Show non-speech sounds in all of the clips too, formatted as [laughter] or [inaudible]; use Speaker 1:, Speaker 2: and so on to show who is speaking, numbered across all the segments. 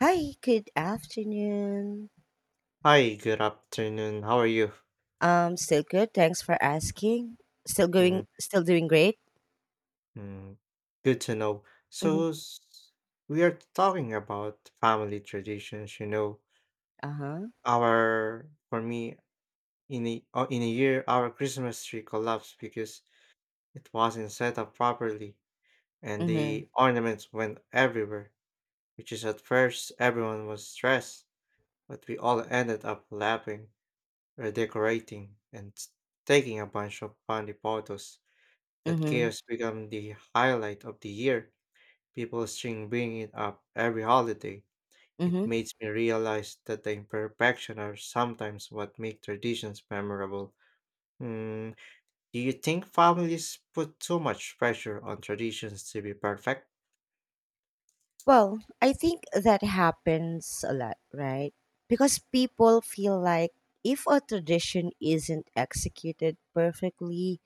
Speaker 1: Hi, good afternoon.
Speaker 2: Hi, good afternoon. How are you?
Speaker 1: Still good, thanks for asking. Still going, still doing great.
Speaker 2: Mm-hmm. Good to know.
Speaker 1: Mm-hmm.
Speaker 2: We are talking about family traditions. You know,
Speaker 1: Uh huh.
Speaker 2: our for me in a year, our Christmas tree collapsed because it wasn't set up properly, and
Speaker 1: Mm hmm.
Speaker 2: the ornaments went everywhere. Which, is at first, everyone was stressed, but we all ended up laughing, redecorating, and taking a bunch of funny photos.
Speaker 1: Mm
Speaker 2: That
Speaker 1: hmm.
Speaker 2: chaos become the highlight of the year. People string bring it up every holiday.
Speaker 1: Mm
Speaker 2: It
Speaker 1: hmm.
Speaker 2: makes me realize that the imperfection are sometimes what make traditions memorable. Mm, do you think families put too much pressure on traditions to be perfect?
Speaker 1: Well, I think that happens a lot, right? Because people feel like if a tradition isn't executed perfectly,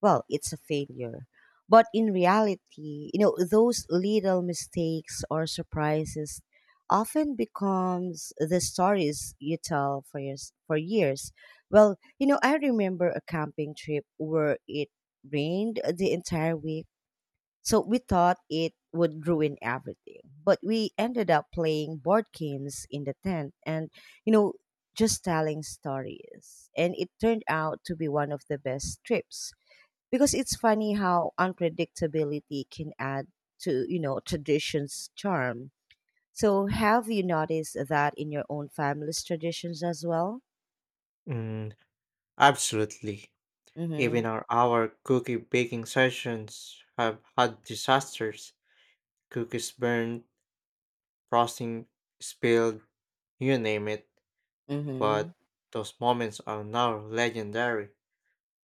Speaker 1: well, it's a failure. But in reality, you know, those little mistakes or surprises often becomes the stories you tell for years for years. Well, you know, I remember a camping trip where it rained the entire week. So we thought it would ruin everything, but we ended up playing board games in the tent and, you know, just telling stories, and it turned out to be one of the best trips because it's funny how unpredictability can add to, you know, tradition's charm. So have you noticed that in your own family's traditions as well?
Speaker 2: Mm, Absolutely.
Speaker 1: Mm-hmm.
Speaker 2: Even our cookie baking sessions have had disasters. Cookies burned, frosting spilled, you name it.
Speaker 1: Mm-hmm.
Speaker 2: But those moments are now legendary.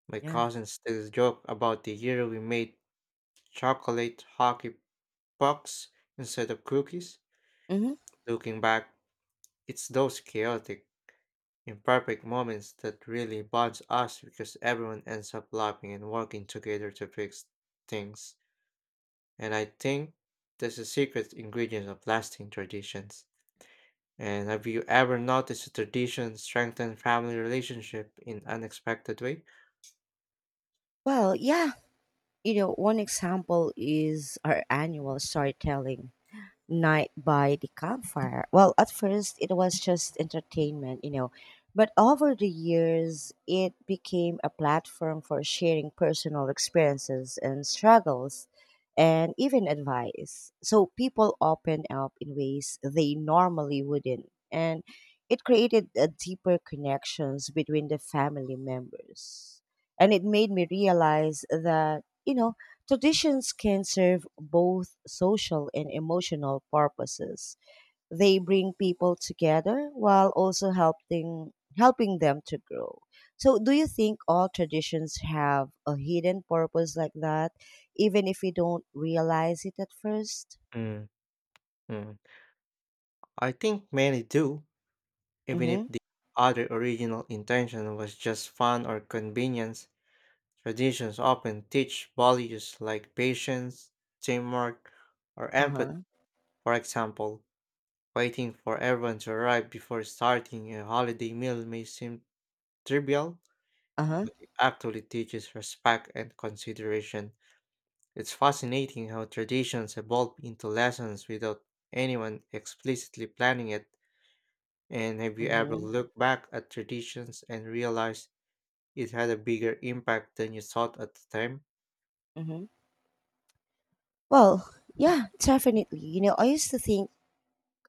Speaker 2: My
Speaker 1: Yeah.
Speaker 2: cousins still joke about the year we made chocolate hockey pucks instead of cookies.
Speaker 1: Mm-hmm.
Speaker 2: Looking back, it's those chaotic, imperfect moments that really bonds us because everyone ends up laughing and working together to fix things. And I think that's the secret ingredient of lasting traditions. And have you ever noticed a tradition strengthen family relationship in unexpected way?
Speaker 1: Well, yeah, you know, one example is our annual storytelling night by the campfire. Well, at first it was just entertainment, you know, but over the years it became a platform for sharing personal experiences and struggles and even advice. So people opened up in ways they normally wouldn't. And it created a deeper connections between the family members. And it made me realize that, you know, traditions can serve both social and emotional purposes. They bring people together while also helping them to grow. So do you think all traditions have a hidden purpose like that, even if we don't realize it at first?
Speaker 2: Mm. Mm. I think many do, even if
Speaker 1: Mhm.
Speaker 2: the other original intention was just fun or convenience. Traditions often teach values like patience, teamwork, or empathy.
Speaker 1: Uh-huh.
Speaker 2: For example, waiting for everyone to arrive before starting a holiday meal may seem trivial,
Speaker 1: Uh-huh.
Speaker 2: but it actually teaches respect and consideration. It's fascinating how traditions evolve into lessons without anyone explicitly planning it. And have you ever
Speaker 1: Mhm.
Speaker 2: looked back at traditions and realized it had a bigger impact than you thought at the time?
Speaker 1: Mhm. Well, yeah, definitely. You know, I used to think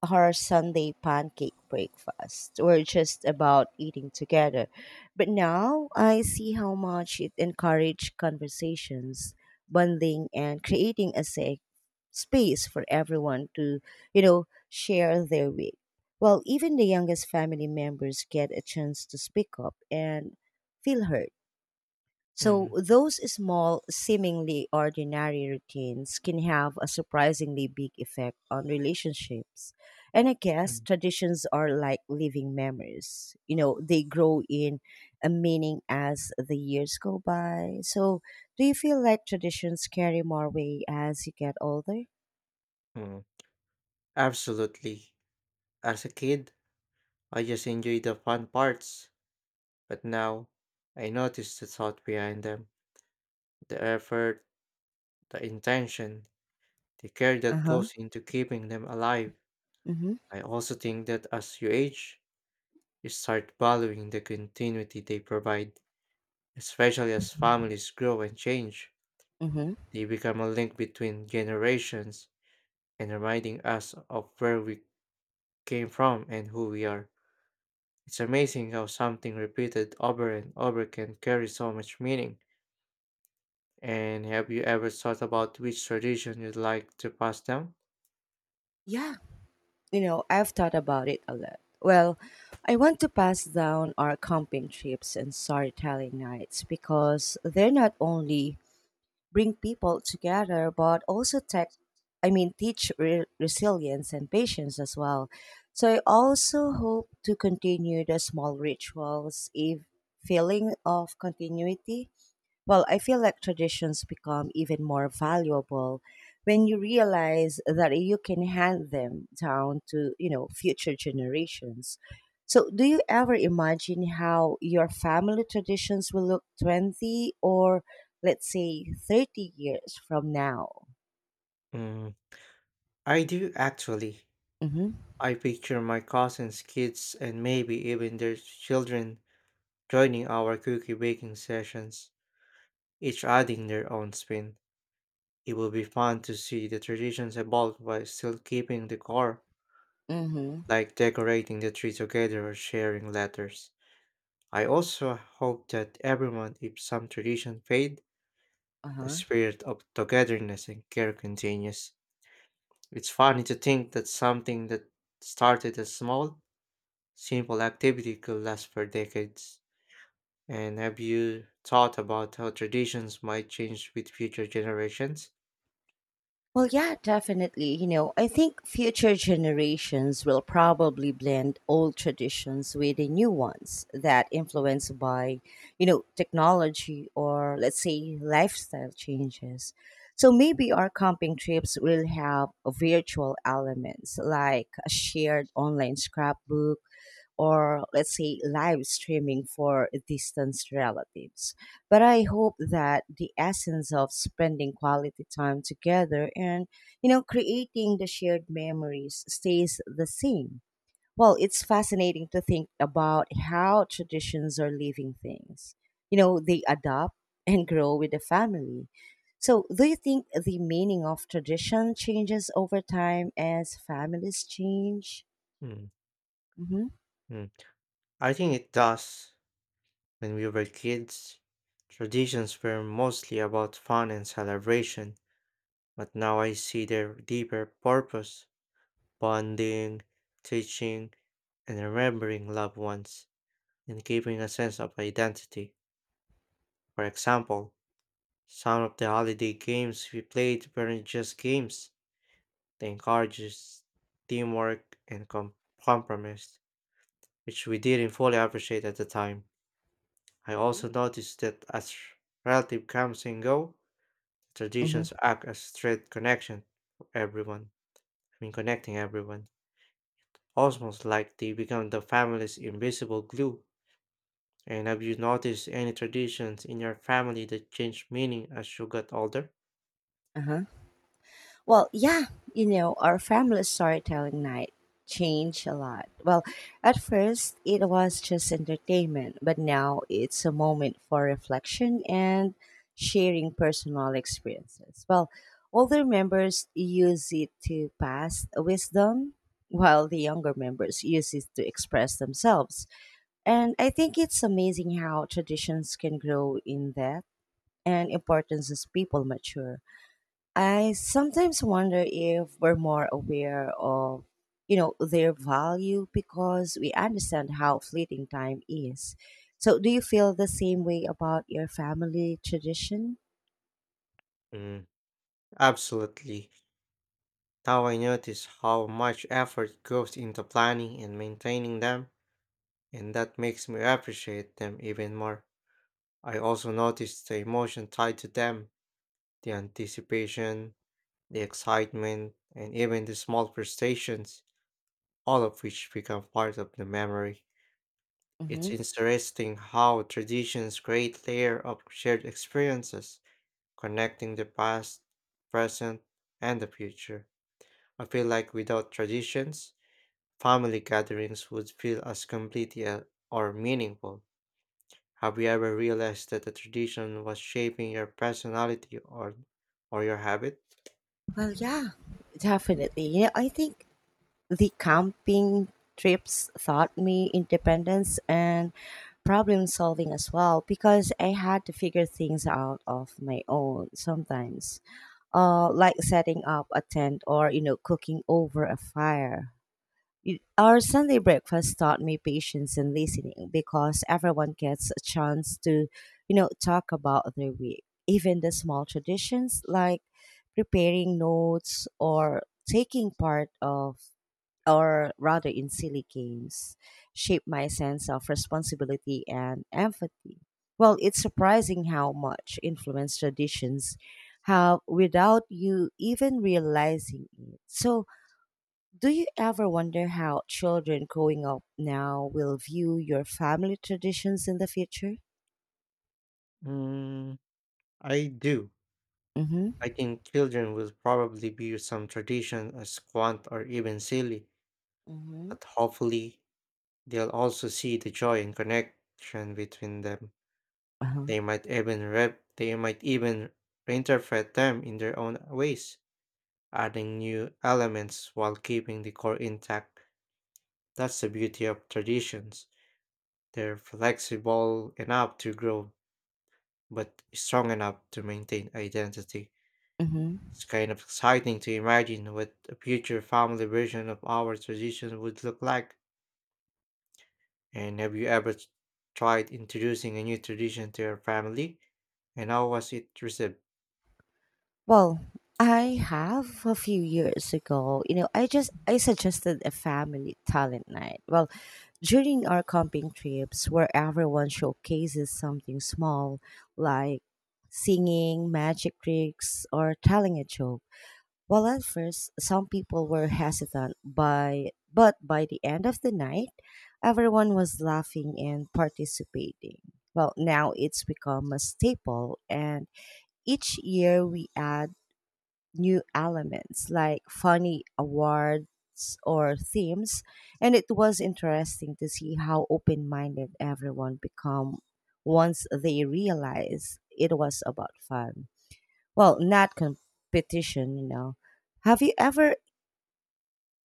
Speaker 1: our Sunday pancake breakfast were just about eating together. But now I see how much it encouraged conversations, bonding, and creating a safe space for everyone to, you know, share their week. Well, even the youngest family members get a chance to speak up and feel heard. So
Speaker 2: Mm,
Speaker 1: those small, seemingly ordinary routines can have a surprisingly big effect on relationships. And I guess
Speaker 2: mm,
Speaker 1: traditions are like living memories. You know, they grow in a meaning as the years go by. So, do you feel like traditions carry more weight as you get older?
Speaker 2: mm. Absolutely. As a kid, I just enjoyed the fun parts, but now I notice the thought behind them, the effort, the intention, the care
Speaker 1: Uh
Speaker 2: that
Speaker 1: huh.
Speaker 2: goes into keeping them alive.
Speaker 1: Mm hmm.
Speaker 2: I also think that as you age, you start valuing the continuity they provide, especially as families grow and change.
Speaker 1: Mm hmm.
Speaker 2: They become a link between generations and reminding us of where we came from and who we are. It's amazing how something repeated over and over can carry so much meaning. And have you ever thought about which tradition you'd like to pass down?
Speaker 1: Yeah, you know, I've thought about it a lot. Well, I want to pass down our camping trips and storytelling nights because they not only bring people together but also tech I mean teach resilience and patience as well. So I also hope to continue the small rituals, if feeling of continuity. Well, I feel like traditions become even more valuable when you realize that you can hand them down to, you know, future generations. So, do you ever imagine how your family traditions will look 20 or, let's say, 30 years from now?
Speaker 2: Mm, I do actually.
Speaker 1: Mhm.
Speaker 2: I picture my cousins' kids and maybe even their children joining our cookie baking sessions, each adding their own spin. It will be fun to see the traditions evolve while still keeping the core,
Speaker 1: Mhm.
Speaker 2: like decorating the tree together or sharing letters. I also hope that everyone, if some tradition fade, the
Speaker 1: Uh-huh.
Speaker 2: spirit of togetherness and care continues. It's funny to think that something that started as small, simple activity could last for decades. And have you thought about how traditions might change with future generations?
Speaker 1: Well, yeah, definitely. You know, I think future generations will probably blend old traditions with the new ones that influenced by, you know, technology or, let's say, lifestyle changes. So maybe our camping trips will have virtual elements like a shared online scrapbook or, let's say, live streaming for distant relatives. But I hope that the essence of spending quality time together and, you know, creating the shared memories stays the same. Well, it's fascinating to think about how traditions are living things. You know, they adapt and grow with the family. So, do you think the meaning of tradition changes over time as families change?
Speaker 2: Mm,
Speaker 1: Mm-hmm.
Speaker 2: mm. I think it does. When we were kids, traditions were mostly about fun and celebration, but now I see their deeper purpose: bonding, teaching, and remembering loved ones, and giving a sense of identity. For example, some of the holiday games we played weren't just games, they encouraged teamwork and compromise, which we didn't fully appreciate at the time. I also noticed that as relatives comes and go,
Speaker 1: Mm-hmm.
Speaker 2: traditions act as thread connection for everyone. I mean, connecting everyone. Almost like they become the family's invisible glue. And have you noticed any traditions in your family that changed meaning as you got older?
Speaker 1: Uh-huh. Well, yeah, you know, our family storytelling night changed a lot. Well, at first, it was just entertainment, but now it's a moment for reflection and sharing personal experiences. Well, older members use it to pass wisdom, while the younger members use it to express themselves. And I think it's amazing how traditions can grow in depth and importance as people mature. I sometimes wonder if we're more aware of, you know, their value because we understand how fleeting time is. So, do you feel the same way about your family tradition?
Speaker 2: Mm, Absolutely. Now I notice how much effort goes into planning and maintaining them, and that makes me appreciate them even more. I also notice the emotion tied to them, the anticipation, the excitement, and even the small frustrations, all of which become part of the memory. It's
Speaker 1: Hmm.
Speaker 2: interesting how traditions create layer of shared experiences, connecting the past, present, and the future. I feel like without traditions, family gatherings would feel as complete yet or meaningful. Have you ever realized that a tradition was shaping your personality or your habit?
Speaker 1: Well, yeah, definitely. Yeah, I think the camping trips taught me independence and problem solving as well, because I had to figure things out of my own sometimes. Like setting up a tent or, you know, cooking over a fire. Our Sunday breakfast taught me patience and listening because everyone gets a chance to, you know, talk about their week. Even the small traditions like preparing notes or taking part of, or rather in, silly games, shaped my sense of responsibility and empathy. Well, it's surprising how much influence traditions have without you even realizing it. So, do you ever wonder how children growing up now will view your family traditions in the future?
Speaker 2: Mm, I do.
Speaker 1: Mm-hmm.
Speaker 2: I think children will probably view some tradition as quaint or even silly,
Speaker 1: Mm-hmm.
Speaker 2: but hopefully they'll also see the joy and connection between them.
Speaker 1: Uh-huh.
Speaker 2: They might even reinterpret them in their own ways, adding new elements while keeping the core intact. That's the beauty of traditions. They're flexible enough to grow, but strong enough to maintain identity.
Speaker 1: Mm-hmm.
Speaker 2: It's kind of exciting to imagine what a future family version of our tradition would look like. And have you tried introducing a new tradition to your family? And how was it received?
Speaker 1: Well, I have, a few years ago, you know, I suggested a family talent night. Well, during our camping trips, where everyone showcases something small, like singing, magic tricks, or telling a joke. While at first some people were hesitant, by the end of the night, everyone was laughing and participating. Well, now it's become a staple, and each year we add new elements like funny awards or themes, and it was interesting to see how open-minded everyone become once they realize it was about fun, well, not competition, you know. Have you ever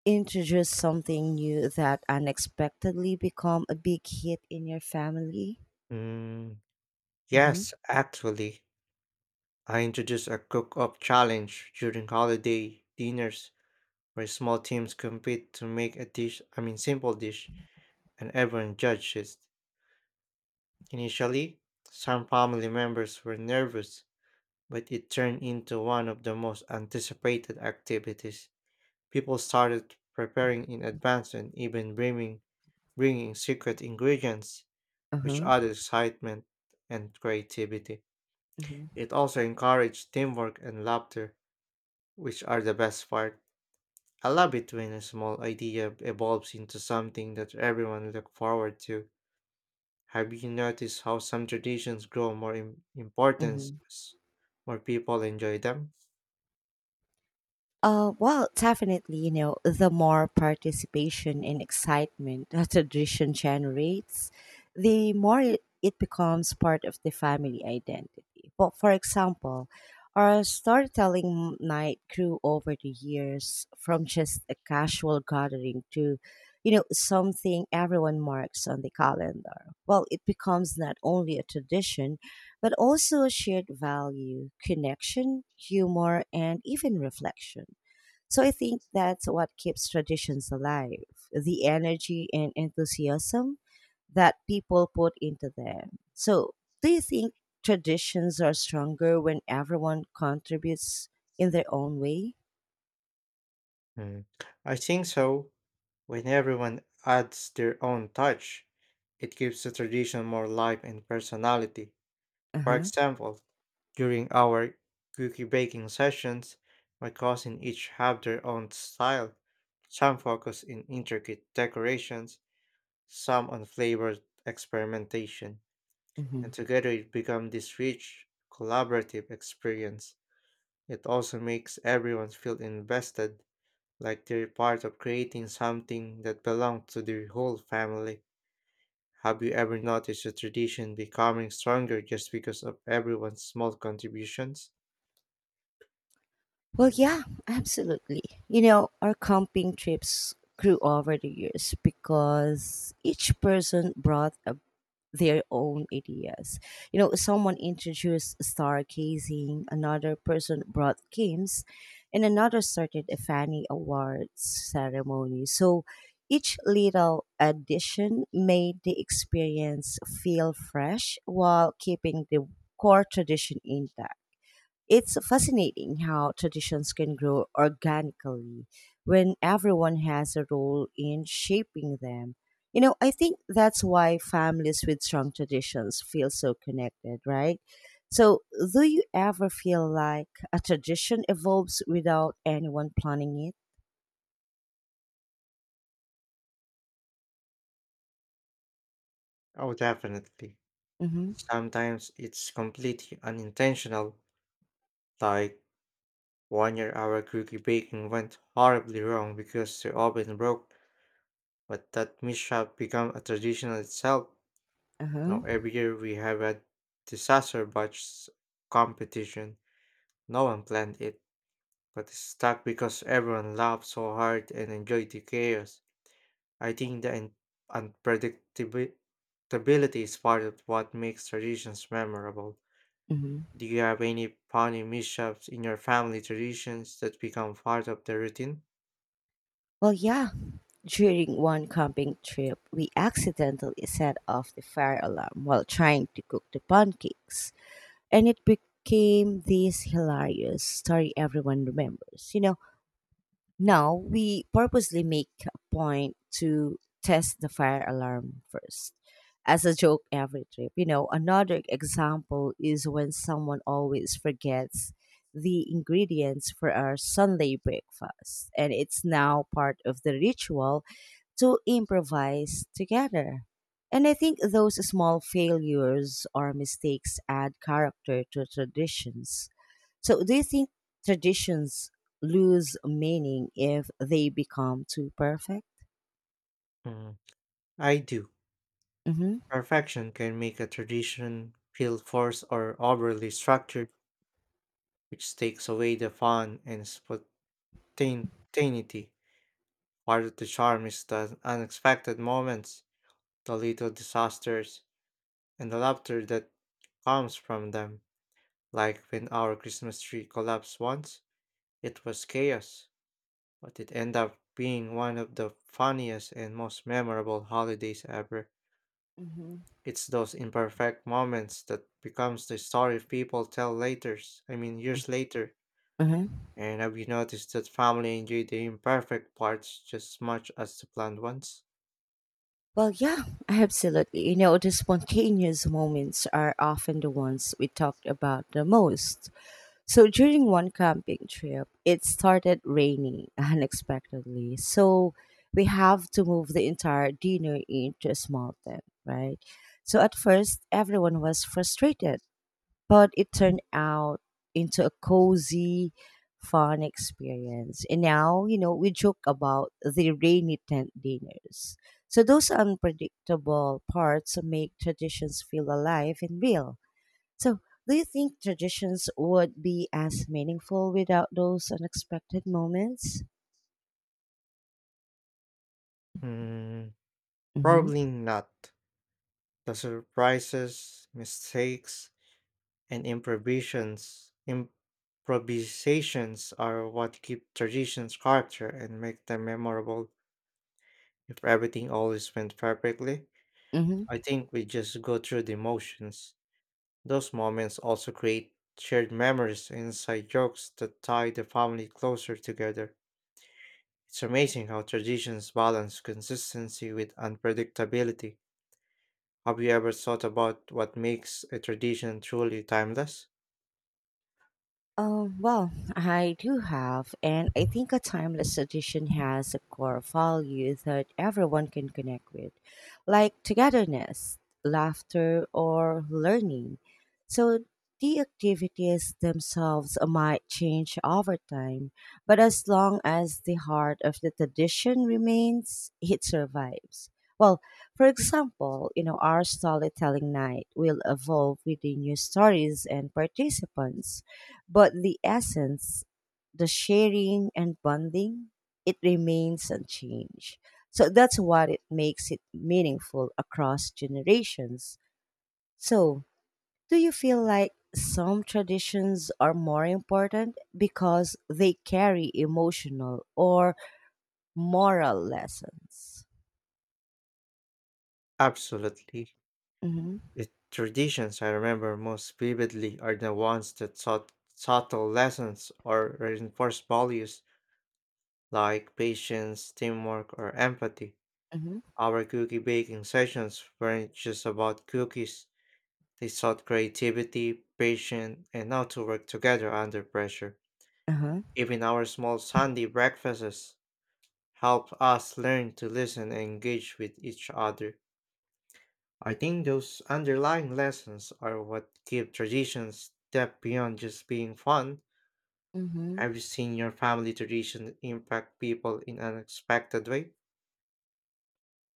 Speaker 1: introduced something new that unexpectedly become a big hit in your family?
Speaker 2: Mm,
Speaker 1: Mm-hmm.
Speaker 2: yes, actually, I introduced a cook-up challenge during holiday dinners where small teams compete to make a dish, I mean simple dish, and everyone judges. Initially, some family members were nervous, but it turned into one of the most anticipated activities. People started preparing in advance and even bringing secret ingredients, which
Speaker 1: Uh-huh.
Speaker 2: added excitement and creativity.
Speaker 1: Mm-hmm.
Speaker 2: It also encouraged teamwork and laughter, which are the best part. I love it when a small idea evolves into something that everyone look forward to. Have you noticed how some traditions grow more in importance
Speaker 1: Mm-hmm.
Speaker 2: as more people enjoy them?
Speaker 1: Well, definitely, you know, the more participation and excitement [laughs] a tradition generates, the more it becomes part of the family identity. But for example, our storytelling night grew over the years from just a casual gathering to, you know, something everyone marks on the calendar. Well, it becomes not only a tradition, but also a shared value, connection, humor, and even reflection. So I think that's what keeps traditions alive, the energy and enthusiasm that people put into them. So, do you think traditions are stronger when everyone contributes in their own way?
Speaker 2: Mm. I think so. When everyone adds their own touch, it gives the tradition more life and personality.
Speaker 1: Uh
Speaker 2: For
Speaker 1: huh.
Speaker 2: example, during our cookie baking sessions, my cousin each have their own style. Some focus in intricate decorations, some on flavored experimentation,
Speaker 1: Hmm.
Speaker 2: and together it becomes this rich, collaborative experience. It also makes everyone feel invested like they're part of creating something that belongs to the whole family. Have you ever noticed a tradition becoming stronger just because of everyone's small contributions?
Speaker 1: Well, yeah, absolutely. You know, our camping trips grew over the years because each person brought a their own ideas. You know, someone introduced stargazing, another person brought games, and another started a Fanny Awards ceremony. So each little addition made the experience feel fresh while keeping the core tradition intact. It's fascinating how traditions can grow organically when everyone has a role in shaping them. You know, I think that's why families with strong traditions feel so connected, right? So, do you ever feel like a tradition evolves without anyone planning it?
Speaker 2: Oh, definitely.
Speaker 1: Mm-hmm.
Speaker 2: Sometimes it's completely unintentional, like one year our cookie baking went horribly wrong because the oven broke, but that mishap became a tradition in itself. Now
Speaker 1: Uh-huh.
Speaker 2: every year we have a disaster batch competition. No one planned it but stuck because everyone laughed so hard and enjoyed the chaos. I think the unpredictability is part of what makes traditions memorable.
Speaker 1: Mm-hmm.
Speaker 2: Do you have any funny mishaps in your family traditions that become part of the routine?
Speaker 1: Well, yeah. During one camping trip, we accidentally set off the fire alarm while trying to cook the pancakes, and it became this hilarious story everyone remembers. You know, now we purposely make a point to test the fire alarm first as a joke every trip. You know, another example is when someone always forgets the ingredients for our Sunday breakfast, and it's now part of the ritual to improvise together. And I think those small failures or mistakes add character to traditions. So, do you think traditions lose meaning if they become too perfect?
Speaker 2: Mm, I do.
Speaker 1: Hmm.
Speaker 2: Perfection can make a tradition feel forced or overly structured, which takes away the fun and spontaneity. Part of the charm is the unexpected moments, the little disasters, and the laughter that comes from them. Like when our Christmas tree collapsed once, it was chaos, but it ended up being one of the funniest and most memorable holidays ever.
Speaker 1: Hmm.
Speaker 2: It's those imperfect moments that becomes the story people tell later, I mean years later.
Speaker 1: Uh huh.
Speaker 2: And have you noticed that family enjoy the imperfect parts just as much as the planned ones?
Speaker 1: Well, yeah, absolutely. You know, the spontaneous moments are often the ones we talked about the most. So during one camping trip, it started raining [laughs] unexpectedly. So we have to move the entire dinner into a small tent, right? So at first, everyone was frustrated but it turned out into a cozy, fun experience. And now, you know, we joke about the rainy tent dinners. So those unpredictable parts make traditions feel alive and real. So do you think traditions would be as meaningful without those unexpected moments?
Speaker 2: Hmm,
Speaker 1: Mm-hmm.
Speaker 2: Probably not. The surprises, mistakes, and improvisations are what keep traditions character and make them memorable. If everything always went perfectly,
Speaker 1: Mm-hmm.
Speaker 2: I think we just go through the motions. Those moments also create shared memories and inside jokes that tie the family closer together. It's amazing how traditions balance consistency with unpredictability. Have you ever thought about what makes a tradition truly timeless?
Speaker 1: Well, I do have, and I think a timeless tradition has a core value that everyone can connect with, like togetherness, laughter, or learning. So the activities themselves might change over time, but as long as the heart of the tradition remains, it survives. Well, for example, you know, our storytelling night will evolve with the new stories and participants, but the essence, the sharing and bonding, it remains unchanged. So that's what it makes it meaningful across generations. So, do you feel like some traditions are more important because they carry emotional or moral lessons?
Speaker 2: Absolutely.
Speaker 1: Mm-hmm.
Speaker 2: The traditions I remember most vividly are the ones that taught subtle lessons or reinforced values like patience, teamwork, or empathy.
Speaker 1: Mm-hmm.
Speaker 2: Our cookie baking sessions weren't just about cookies, they taught creativity, patience, and how to work together under pressure.
Speaker 1: Uh-huh.
Speaker 2: Even our small Sunday breakfasts helped us learn to listen and engage with each other. I think those underlying lessons are what give traditions depth beyond just being fun.
Speaker 1: Mm-hmm.
Speaker 2: Have you seen your family tradition impact people in an unexpected way?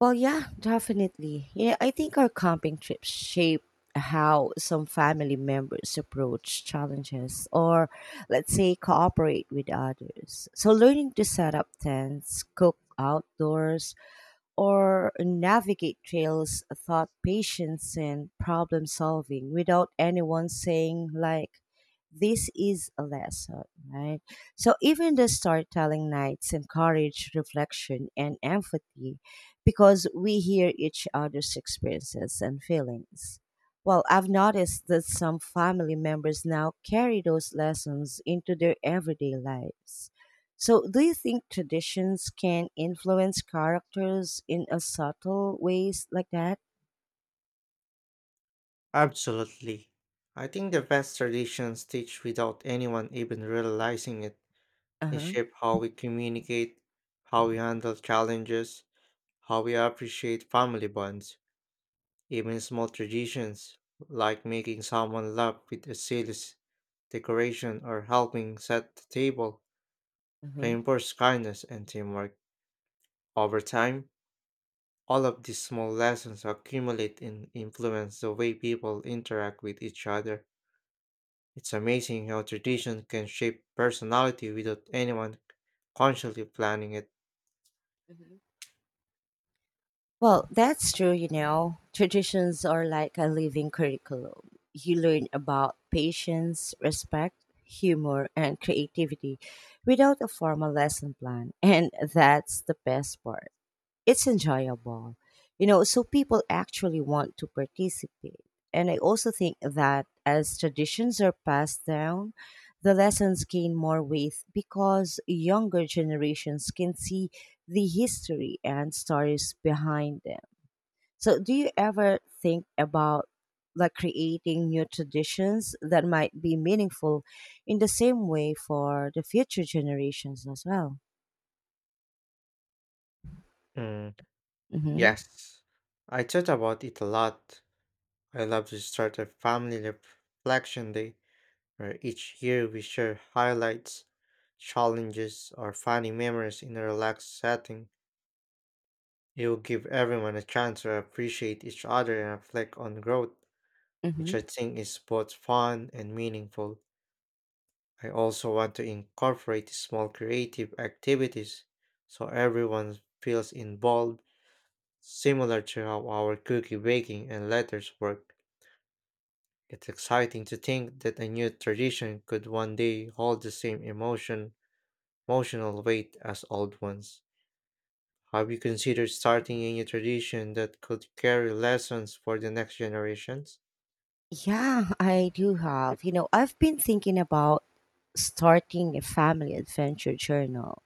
Speaker 1: Well, yeah, definitely. Yeah, I think our camping trips shape how some family members approach challenges or, let's say, cooperate with others. So, learning to set up tents, cook outdoors, or navigate trails thought patience and problem solving without anyone saying like this is a lesson, right? So even the storytelling nights encourage reflection and empathy because we hear each other's experiences and feelings. Well, I've noticed that some family members now carry those lessons into their everyday lives. So, do you think traditions can influence characters in a subtle ways like that?
Speaker 2: Absolutely. I think the best traditions teach without anyone even realizing it.
Speaker 1: Uh
Speaker 2: They
Speaker 1: huh.
Speaker 2: shape how we communicate, how we handle challenges, how we appreciate family bonds. Even small traditions, like making someone laugh with a decoration or helping set the table,
Speaker 1: Uh huh.
Speaker 2: reinforce kindness and teamwork. Over time, all of these small lessons accumulate and influence the way people interact with each other. It's amazing how tradition can shape personality without anyone consciously planning it.
Speaker 1: Hmm. Well, that's true, you know. Traditions are like a living curriculum. You learn about patience, respect, humor, and creativity without a formal lesson plan. And that's the best part. It's enjoyable. You know, so people actually want to participate. And I also think that as traditions are passed down, the lessons gain more weight because younger generations can see the history and stories behind them. So, do you ever think about like creating new traditions that might be meaningful in the same way for the future generations as well?
Speaker 2: Mm,
Speaker 1: Mm-hmm.
Speaker 2: yes, I thought about it a lot. I love to start a family reflection day where each year we share highlights, challenges, or funny memories in a relaxed setting. You'll give everyone a chance to appreciate each other and reflect on growth, which
Speaker 1: Mm-hmm.
Speaker 2: I think is both fun and meaningful. I also want to incorporate small creative activities so everyone feels involved, similar to how our cookie baking and letters work. It's exciting to think that a new tradition could one day hold the same emotional weight as old ones. Have you considered starting a new tradition that could carry lessons for the next generations?
Speaker 1: Yeah, I do have. You know, I've been thinking about starting a family adventure journal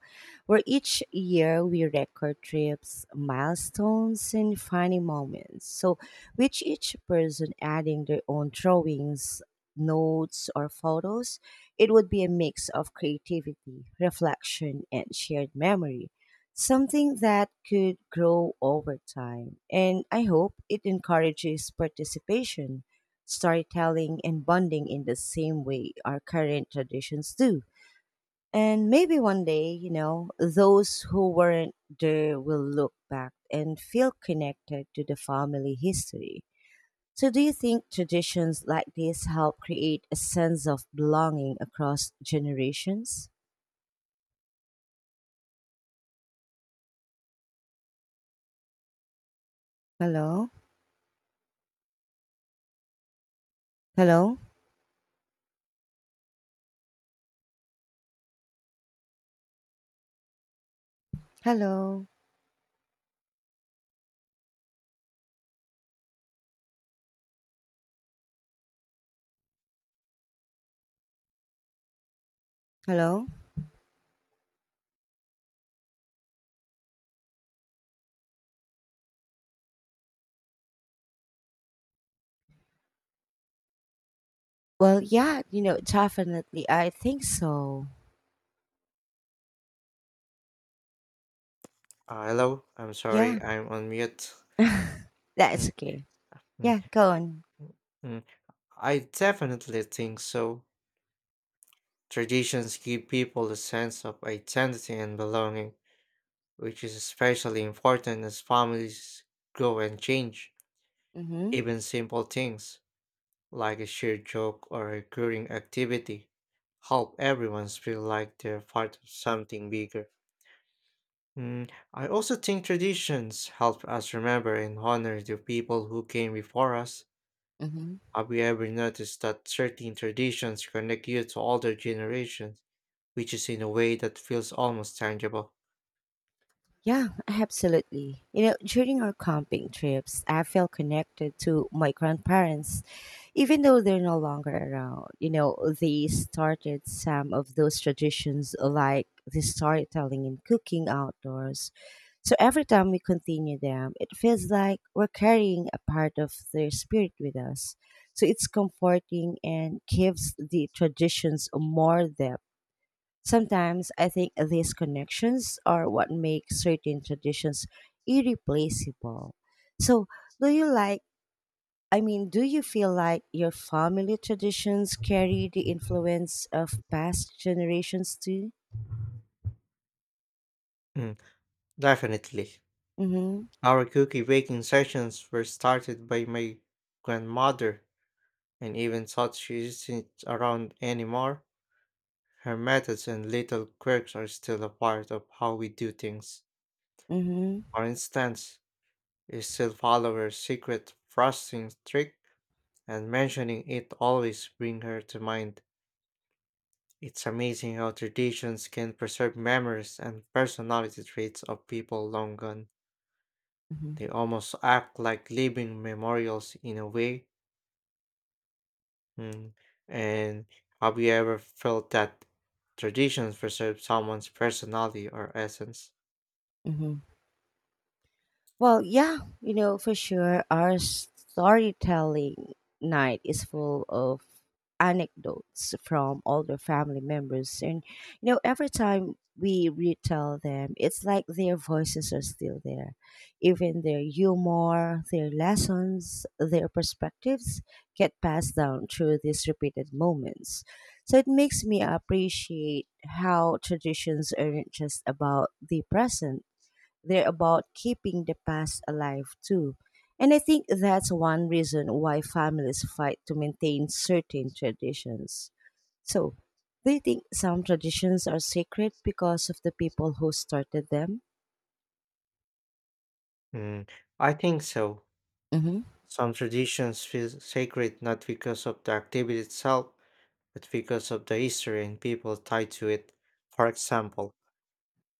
Speaker 1: where each year we record trips, milestones, and funny moments. So, with each person adding their own drawings, notes, or photos, it would be a mix of creativity, reflection, and shared memory. Something that could grow over time. And I hope it encourages participation, storytelling, and bonding in the same way our current traditions do. And maybe one day, you know, those who weren't there will look back and feel connected to the family history. So, do you think traditions like this help create a sense of belonging across generations? Hello? Hello? Hello? Hello? Well, yeah, you know, definitely. I think so.
Speaker 2: Hello, I'm
Speaker 1: Yeah,
Speaker 2: sorry, I'm on mute.
Speaker 1: [laughs]
Speaker 2: Mm,
Speaker 1: that's okay.
Speaker 2: mm,
Speaker 1: Yeah, go on.
Speaker 2: mm. I definitely think so. Traditions give people a sense of identity and belonging, which is especially important as families grow and change.
Speaker 1: Mm hmm.
Speaker 2: Even simple things, like a shared joke or a recurring activity, help everyone feel like they're part of something bigger. I also think traditions help us remember and honor the people who came before us.
Speaker 1: Mm hmm.
Speaker 2: Have you ever noticed that certain traditions connect you to older generations, which is in a way that feels almost tangible?
Speaker 1: Yeah, absolutely. You know, during our camping trips, I felt connected to my grandparents, even though they're no longer around. You know, they started some of those traditions like the storytelling and cooking outdoors. So every time we continue them, it feels like we're carrying a part of their spirit with us. So it's comforting and gives the traditions more depth. Sometimes I think these connections are what make certain traditions irreplaceable. So, do you like, do you feel like your family traditions carry the influence of past generations too?
Speaker 2: Mm, Definitely.
Speaker 1: Mm
Speaker 2: Our cookie baking sessions were started by my grandmother, and even though she isn't around anymore, her methods and little quirks are still a part of how we do things.
Speaker 1: hmm. Mm hmm.
Speaker 2: For instance, you still follow her secret frosting trick, and mentioning it always bring her to mind. It's amazing how traditions can preserve memories and personality traits of people long gone.
Speaker 1: Mm hmm.
Speaker 2: They almost act like living memorials in a way. Mm. And have you ever felt that traditions preserve someone's personality or essence?
Speaker 1: Mm hmm. Well, yeah, you know, for sure, our storytelling night is full of anecdotes from older family members. And, you know, every time we retell them, it's like their voices are still there. Even their humor, their lessons, their perspectives get passed down through these repeated moments. So it makes me appreciate how traditions aren't just about the present, they're about keeping the past alive too. And I think that's one reason why families fight to maintain certain traditions. So, do you think some traditions are sacred because of the people who started them?
Speaker 2: Mm. I think so.
Speaker 1: Mm-hmm.
Speaker 2: Some traditions feel sacred not because of the activity itself, but because of the history and people tied to it. For example,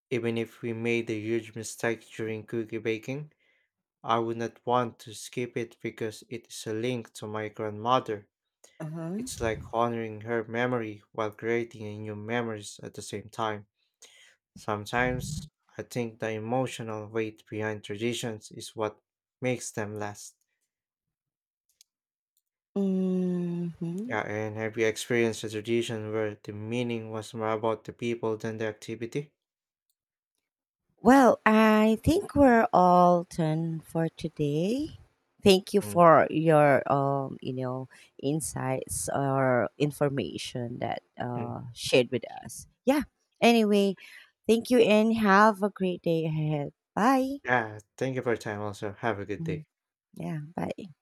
Speaker 2: even if we made a huge mistake during cookie baking, I would not want to skip it because it is a link to my grandmother.
Speaker 1: Uh-huh.
Speaker 2: It's like honoring her memory while creating a new memories at the same time. Sometimes I think the emotional weight behind traditions is what makes them last.
Speaker 1: Mm-hmm.
Speaker 2: Yeah, and have you experienced a tradition where the meaning was more about the people than the activity?
Speaker 1: Well, I think we're all done for today. Thank you
Speaker 2: Mm.
Speaker 1: for your insights or information that
Speaker 2: Mm.
Speaker 1: shared with us. Yeah. Anyway, thank you and have a great day ahead. Bye.
Speaker 2: Yeah, thank you for your time also. Have a good
Speaker 1: Mhm.
Speaker 2: day.
Speaker 1: Yeah, bye.